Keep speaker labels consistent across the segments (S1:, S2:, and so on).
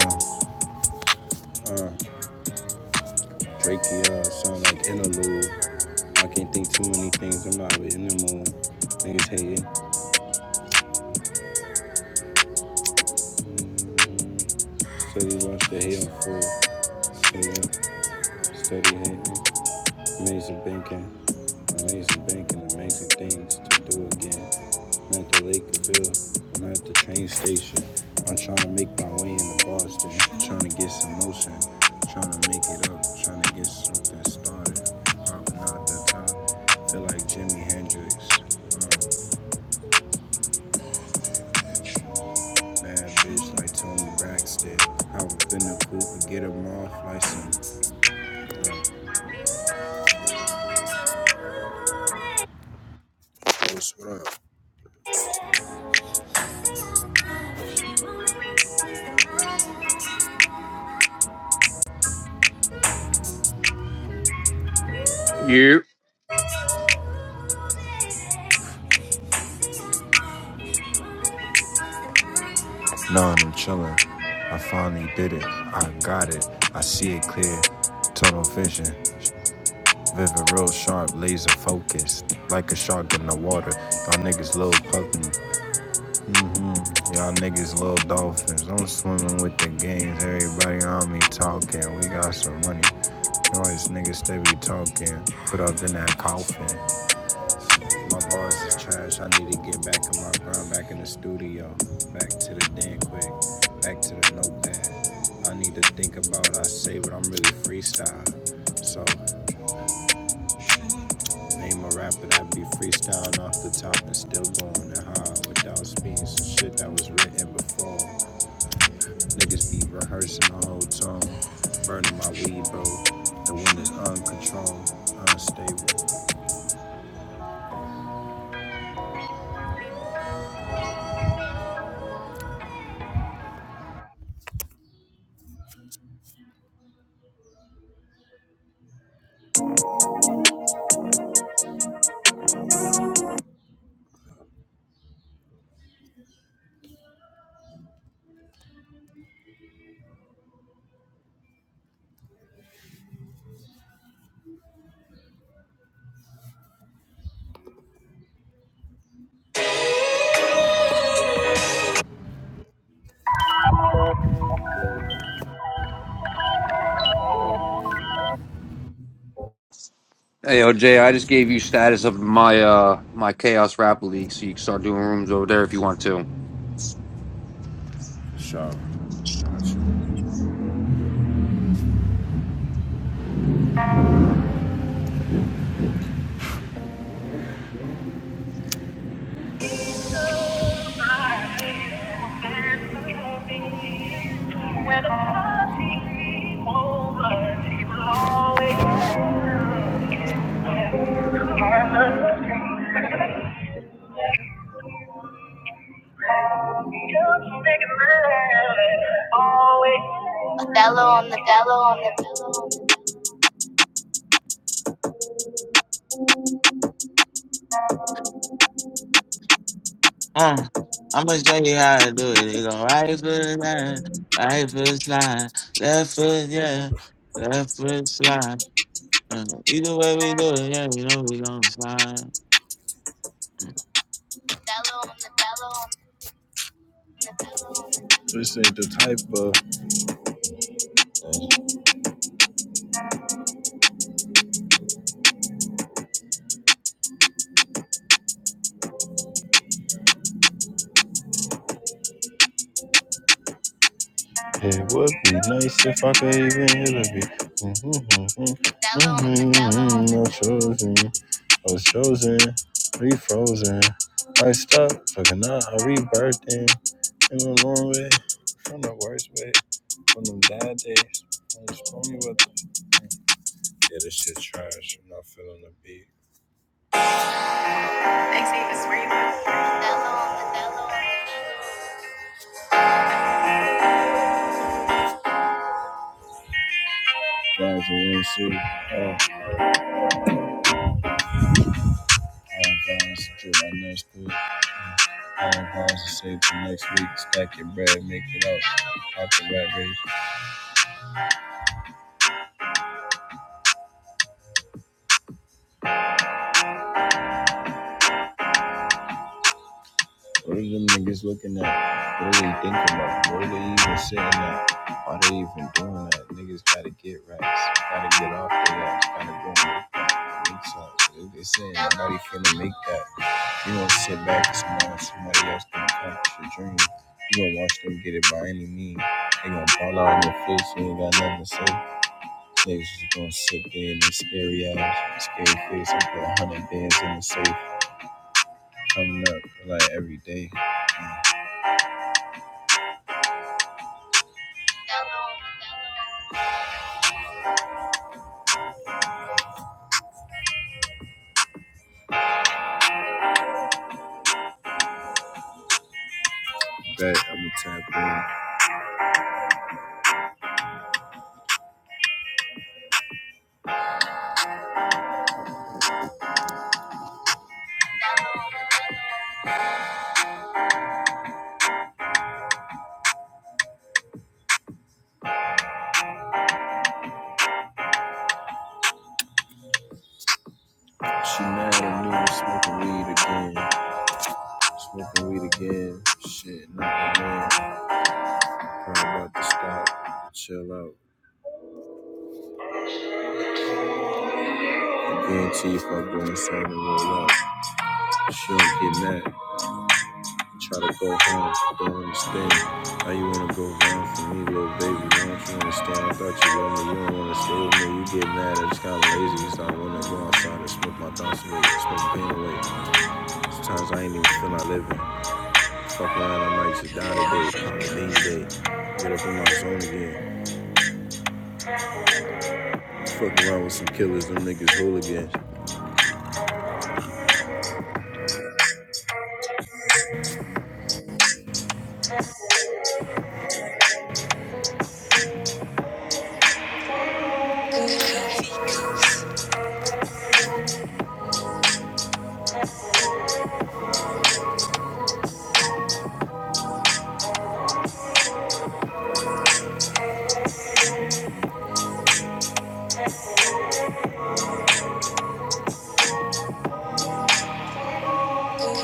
S1: Yeah. Uh, Drake, yeah, sound like interlude. I can't think too many things. I'm not really in the mood. Niggas hating. Steady watch the hate on full. Yeah, steady hating. Amazing banking. Amazing banking, amazing things to do again. I'm at the Lakeville, I'm at the train station. I'm trying to make my way into Boston, trying to get some motion, trying to make it up, trying to get something started. i out not that time. Feel like Jimi Hendrix, um, bad bitch like Tony Braxton. I was in the coop and get him off like some. Uh, what's what up?
S2: You
S1: Nah, I'm chilling. I finally did it. I got it. I see it clear. Tunnel vision. Vivid, real sharp, laser focused. Like a shark in the water. Y'all niggas little puppy. Mhm. Y'all niggas little dolphins. I'm swimming with the games. Everybody on me talking. We got some money. You these niggas they be talking. Put up in that coffin. My bars is trash. I need to get back in my grind. Back in the studio. Back to the den quick. Back to the notepad. I need to think about what I say, but I'm really freestyle. So name a rapper that be freestyling off the top and still going to high without speaking some shit that was written before. Niggas be rehearsing the whole tone. Burning my weed, bro. The wind is uncontrolled, unstable.
S2: Hey, OJ, I just gave you status of my uh my Chaos Rap League, so you can start doing rooms over there if you want to.
S1: Sharp. When the party is over, she will always Always.
S3: Uh, I'm gonna show you how to do it. It go right foot down, right foot slide, left foot yeah, left foot slide. Uh, Either way we do it, yeah, you know we gonna slide.
S1: This ain't the type of It would be nice if I could even hear the beat. Mm-hmm, mm-hmm, mm-hmm, mm-hmm. I'm chosen. I was chosen, refrozen. I stopped, fucking out, I rebirthed in. Came a long way from the worst way, from them bad days. I'm just only with them. Yeah, this shit trash. I'm not feeling the beat. Rising AC, oh, I'm fine. It's a trip. I know it's cool. Own homes to save for next week. Stack your bread, make it out. Out the rat race. What are them niggas looking at? What are they thinking about? What are they even sitting at? Why they even doing that? Niggas gotta get racks. Gotta get off their ass. Gotta go and make that. Make sense. They saying nobody finna make that. You don't sit back and smile. Somebody else gonna catch your dream. You gonna watch them get it by any means. They gonna fall out in your face. You ain't got nothing to say. Niggas just gonna sit there in this scary ass, scary face and put a hundred bands in the safe. Coming up like every day. Yeah. Bet I'ma tap in. She mad at me, I'm smoking weed again. Smoking weed again. Shit, not again. Probably about to stop. Chill out. I guarantee if I go inside and roll up, she don't get mad. Try to go home. Don't understand. How you wanna go home for me, little baby? Don't you understand? I thought you loved me. You don't wanna stay with me. You get mad. I just kinda lazy. Just not wanna go outside and smoke my thoughts away. Smoke my pain away. Sometimes I ain't even feel like living. Fuck around, I might just die today. On a lean day. Get up in my zone again. Fuck around with some killers. Them niggas hooligans. Coffee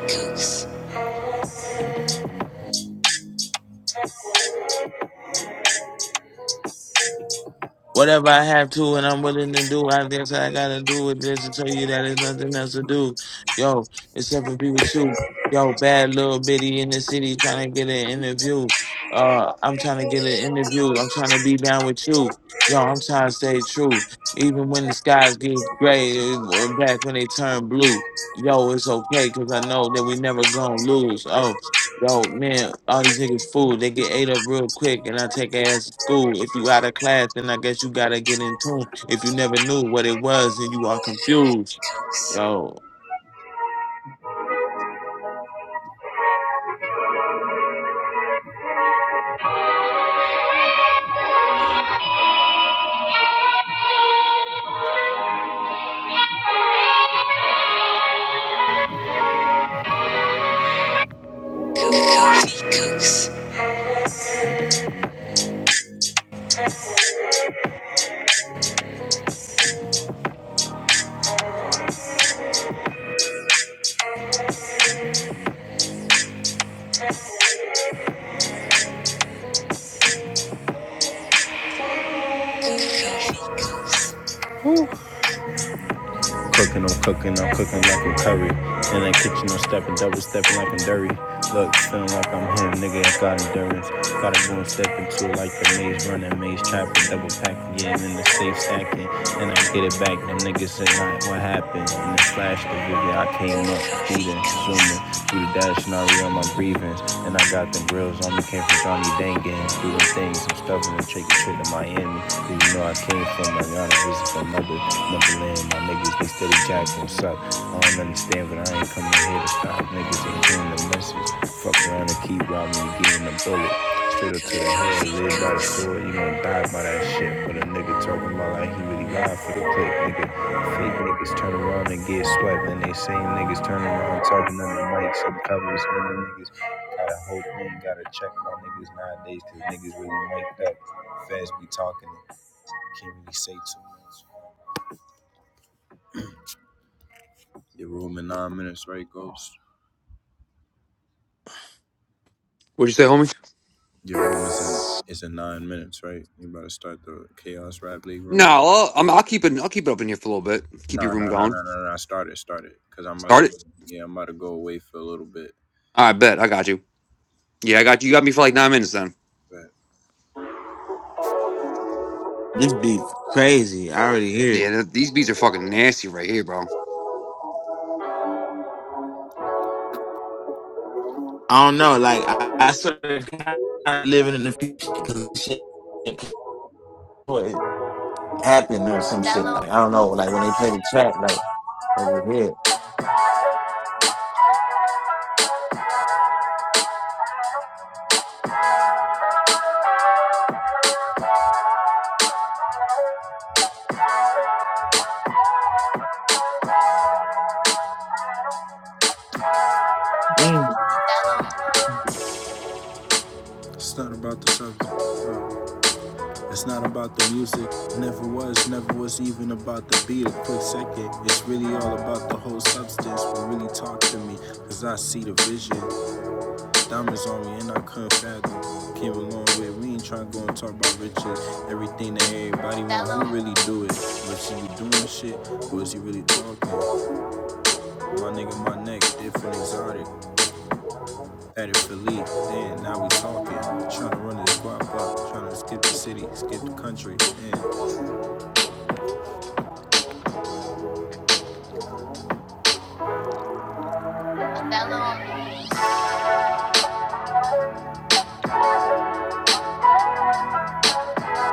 S1: cooks,
S3: Whatever I have to and I'm willing to do, I guess I gotta do it just to tell you that there's nothing else to do. Yo, except for be with you. Yo, bad little bitty in the city trying to get an interview. Uh, I'm trying to get an interview. I'm trying to be down with you. Yo, I'm trying to stay true. Even when the skies get gray, or back when they turn blue. Yo, it's okay because I know that we never gonna lose. Oh, Yo, man, all these niggas fool. They get ate up real quick, and I take ass to school. If you out of class, then I guess you gotta get in tune. If you never knew what it was, then you are confused. Yo,
S1: coffee cooks, coffee cooks, coffee cooks. cooking, I'm cooking, I'm cooking like I'm curry. In that kitchen, I'm stepping, double stepping like I'm dirty. Look, feeling like I'm him, nigga, I got endurance. Gotta go and step into it like the maze running, maze trapping, double packing, yeah, and in the safe stacking. And I get it back, them niggas say, like, what happened? In the flash, the video, I came up, feeding, zooming, through the dash, and I real my breathing. And I got the grills on me, came from Johnny Dangan, doing things, I'm stuffing and taking shit to Miami. 'Cause you know I came from my Yana, visit my mother. Neverland, my niggas, they steady jacking suck. I don't understand, but I ain't coming here to stop. Niggas ain't getting the message. Fuck around and keep robbing and getting the bullet. Straight up to the head, live by the sword, you gon' die by that shit. But a nigga talking about like he really lied for the click, nigga. Fake niggas turn around and get swept, and they same niggas turn around talking on the mic. Some covers, and the niggas gotta hope we ain't gotta check my niggas nowadays, cause niggas really mic'd up. fast be talking, can't really say too much. Your room in nine minutes, right, Ghost?
S2: What'd you say, homie?
S1: Your room is in, is in nine minutes, right? You about to start the Chaos Rap League
S2: No,
S1: room?
S2: I'll, I'm, I'll keep it. I'll keep it up in here for a little bit. Keep your
S1: Nah,
S2: room
S1: nah, nah,
S2: going.
S1: nah, nah, nah. Start it, start it. Cause I'm about to,
S2: Start it.
S1: go, yeah, I'm about to go away for a little bit.
S2: I bet I got you. Yeah, I got you. You got me for like nine minutes then.
S1: But
S3: This be crazy. I already hear
S2: Yeah,
S3: it.
S2: th- these beats are fucking nasty right here, bro.
S3: I don't know. Like I, I sort of kind of living in the future because shit happened or some shit. Like I don't know. Like when they play the track, like like you hear it.
S1: it's not about the subject. uh, It's not about the music. Never was, never was even about the beat. A quick second. It's really all about the whole substance. But really talk to me, cause I see the vision. Diamonds on me and I couldn't fathom. Came a long way. We ain't tryna go and talk about riches. Everything that everybody want, who really do it? But see you doing shit, Who is he really talking? My nigga, my neck, different exotic. Added Philippe, then now we talking. Tryna run this guap up, tryna skip the city, skip the country. And,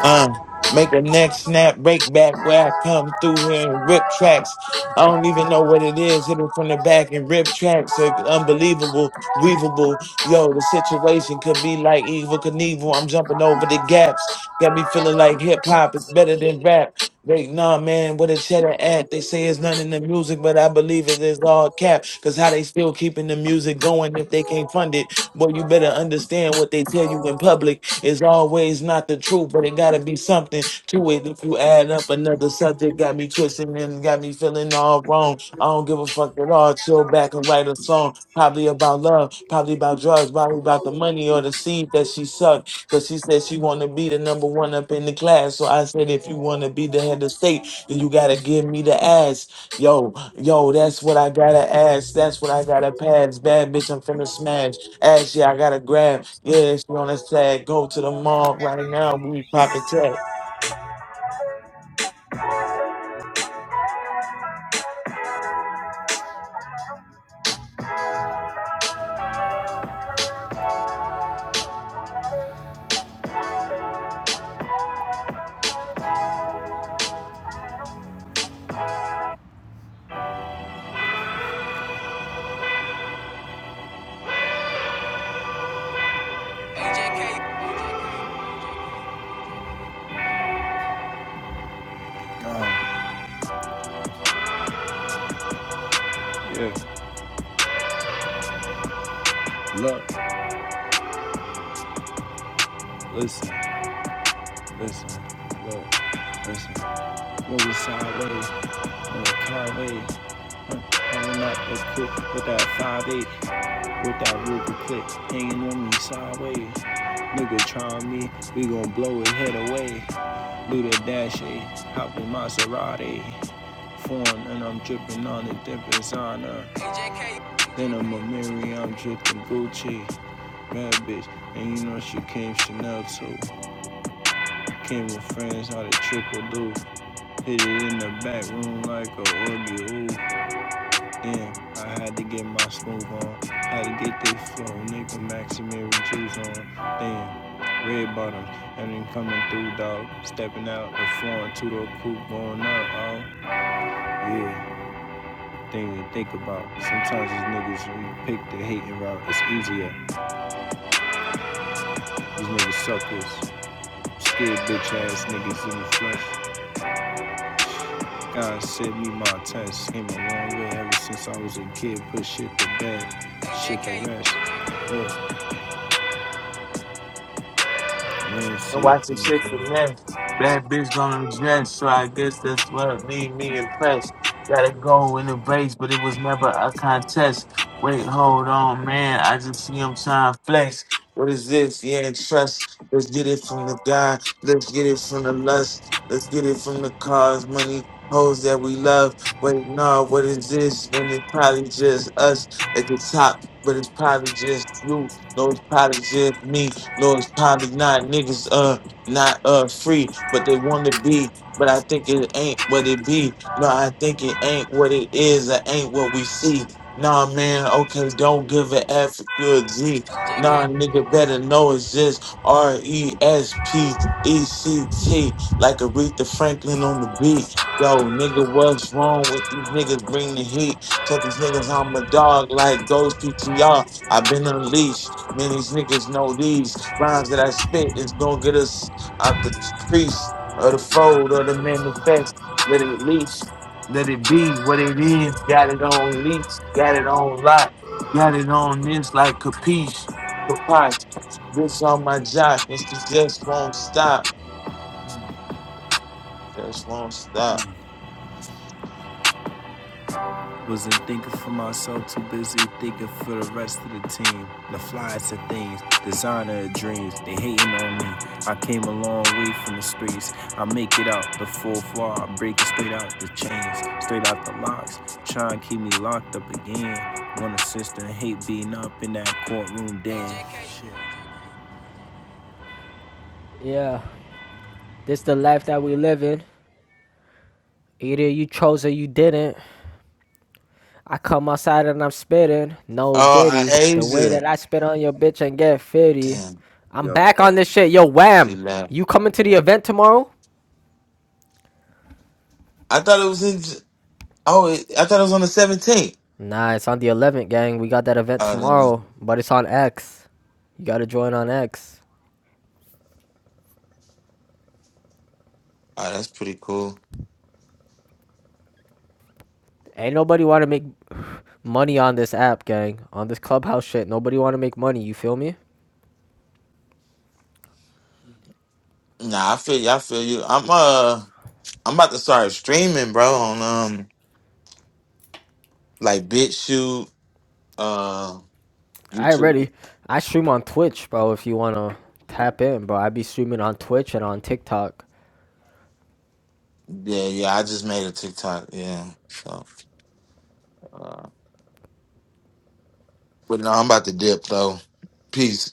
S3: Uh, make a neck snap, break back where I come through here and rip tracks. I don't even know what it is. Hit 'em from the back and rip tracks. Like, unbelievable, weavable. Yo, the situation could be like evil Knievel. I'm jumping over the gaps. Got me feeling like hip hop is better than rap. They, nah, man, what a cheddar at. They say it's none in the music, but I believe it is all cap. Cause how they still keeping the music going if they can't fund it? Boy, you better understand what they tell you in public. It's always not the truth, but it gotta be something to it. If you add up another subject, got me twisting and got me feeling all wrong. I don't give a fuck at all. Chill back and write a song, probably about love, probably about drugs, probably about the money or the seed that she sucked. Cause she said she wanna be the number one up in the class. So I said, if you wanna be the head of state, then you gotta give me the ass. Yo, yo, that's what I gotta ask. That's what I gotta pass. Bad bitch, I'm finna smash. Ashley, I gotta grab. Yeah, she on the side. Go to the mall right now. We popping tags.
S1: um, yeah, look, listen, listen, look, listen. What was sideways, on the car way. Pulling up a clip with that 5'8, with that ruby clip hanging on me sideways. Nigga try me, we gon' blow his head away. Do the dash A, hop in Maserati. Foreign and I'm drippin' on a different designer. Then I'm a Mary, I'm drippin' Gucci. Bad bitch, and you know she came Chanel too. Came with friends, how the triple do. Hit it in the back room like a orgy, ooh. Damn, I had to get my smooth on. Had to get this flow, nigga Maximary juice on. Damn, red bottom, and then coming through, dog. Stepping out the foreign two door coupe going up, oh. Yeah, thing to think about. Sometimes these niggas, when you pick the hating route, it's easier. These niggas suckers, scared bitch ass niggas in the flesh. God sent me my test. Came a long way ever since I was a kid, put shit to bed. Shit to rest. Look.
S3: I'm watching shit for men. Bad bitch gonna dress, so I guess that's what made me impressed. Gotta go in the race, but it was never a contest. Wait, hold on, man. I just see him trying to flex. What is this? Yeah, trust. Let's get it from the guy. Let's get it from the lust. Let's get it from the cars, money, hoes that we love. Wait, no, what is this? Man, it's probably just us at the top, but it's probably just you. No, it's probably just me. No, it's probably not niggas uh not uh free, but they want to be. But I think it ain't what it be. No, I think it ain't what it is. It ain't what we see. Nah, man. Okay, don't give an F if you're a G. Nah, nigga, better know it's just R E S P E C T, like Aretha Franklin on the beat. Yo, nigga, what's wrong with these niggas? Bring the heat. Told these niggas I'm a dog like Ghost PTR. have been unleashed. Many niggas know these rhymes that I spit is gonna get us out the crease or the fold or the manifest. Let it leash, let it be what it is. Got it on leash, got it on lock, got it on this like capiche, capiche. Bitch on my jock and she just won't stop, just won't stop.
S1: Wasn't thinking for myself, too busy thinking for the rest of the team. The flies of things, designer of dreams, they hating on me. I came a long way from the streets. I make it out the fourth flaw, I break it straight out the chains, straight out the locks. Try and keep me locked up again. One assistant hate being up in that courtroom dance.
S4: Yeah, this the life that we live in. Either you chose or you didn't. I come outside and I'm spitting. No
S3: Oh, I
S4: diddy. The way
S3: Asia.
S4: that I spit on your bitch and get 50
S3: Damn,
S4: I'm back on this shit. Yo,
S3: she
S4: wham!
S3: left.
S4: You coming to the event tomorrow?
S3: I thought it was in. Oh, it, I thought it was on the seventeenth.
S4: Nah, it's on the 11th, gang. We got that event
S3: Oh, that-
S4: tomorrow, but it's on X. You gotta join on X.
S3: oh, that's pretty cool.
S4: Ain't nobody wanna make money on this app, gang. On this clubhouse shit, nobody wanna make money. You feel me?
S3: Nah, I feel you. I feel you. I'm uh, I'm about to start streaming, bro, on um, like BitChute, uh,
S4: I
S3: YouTube.
S4: already I stream on Twitch, bro. If you wanna tap in, bro, I be streaming on Twitch and on TikTok.
S3: Yeah, yeah. I just made a TikTok. Yeah. So, uh, but no, I'm about to dip though. Peace.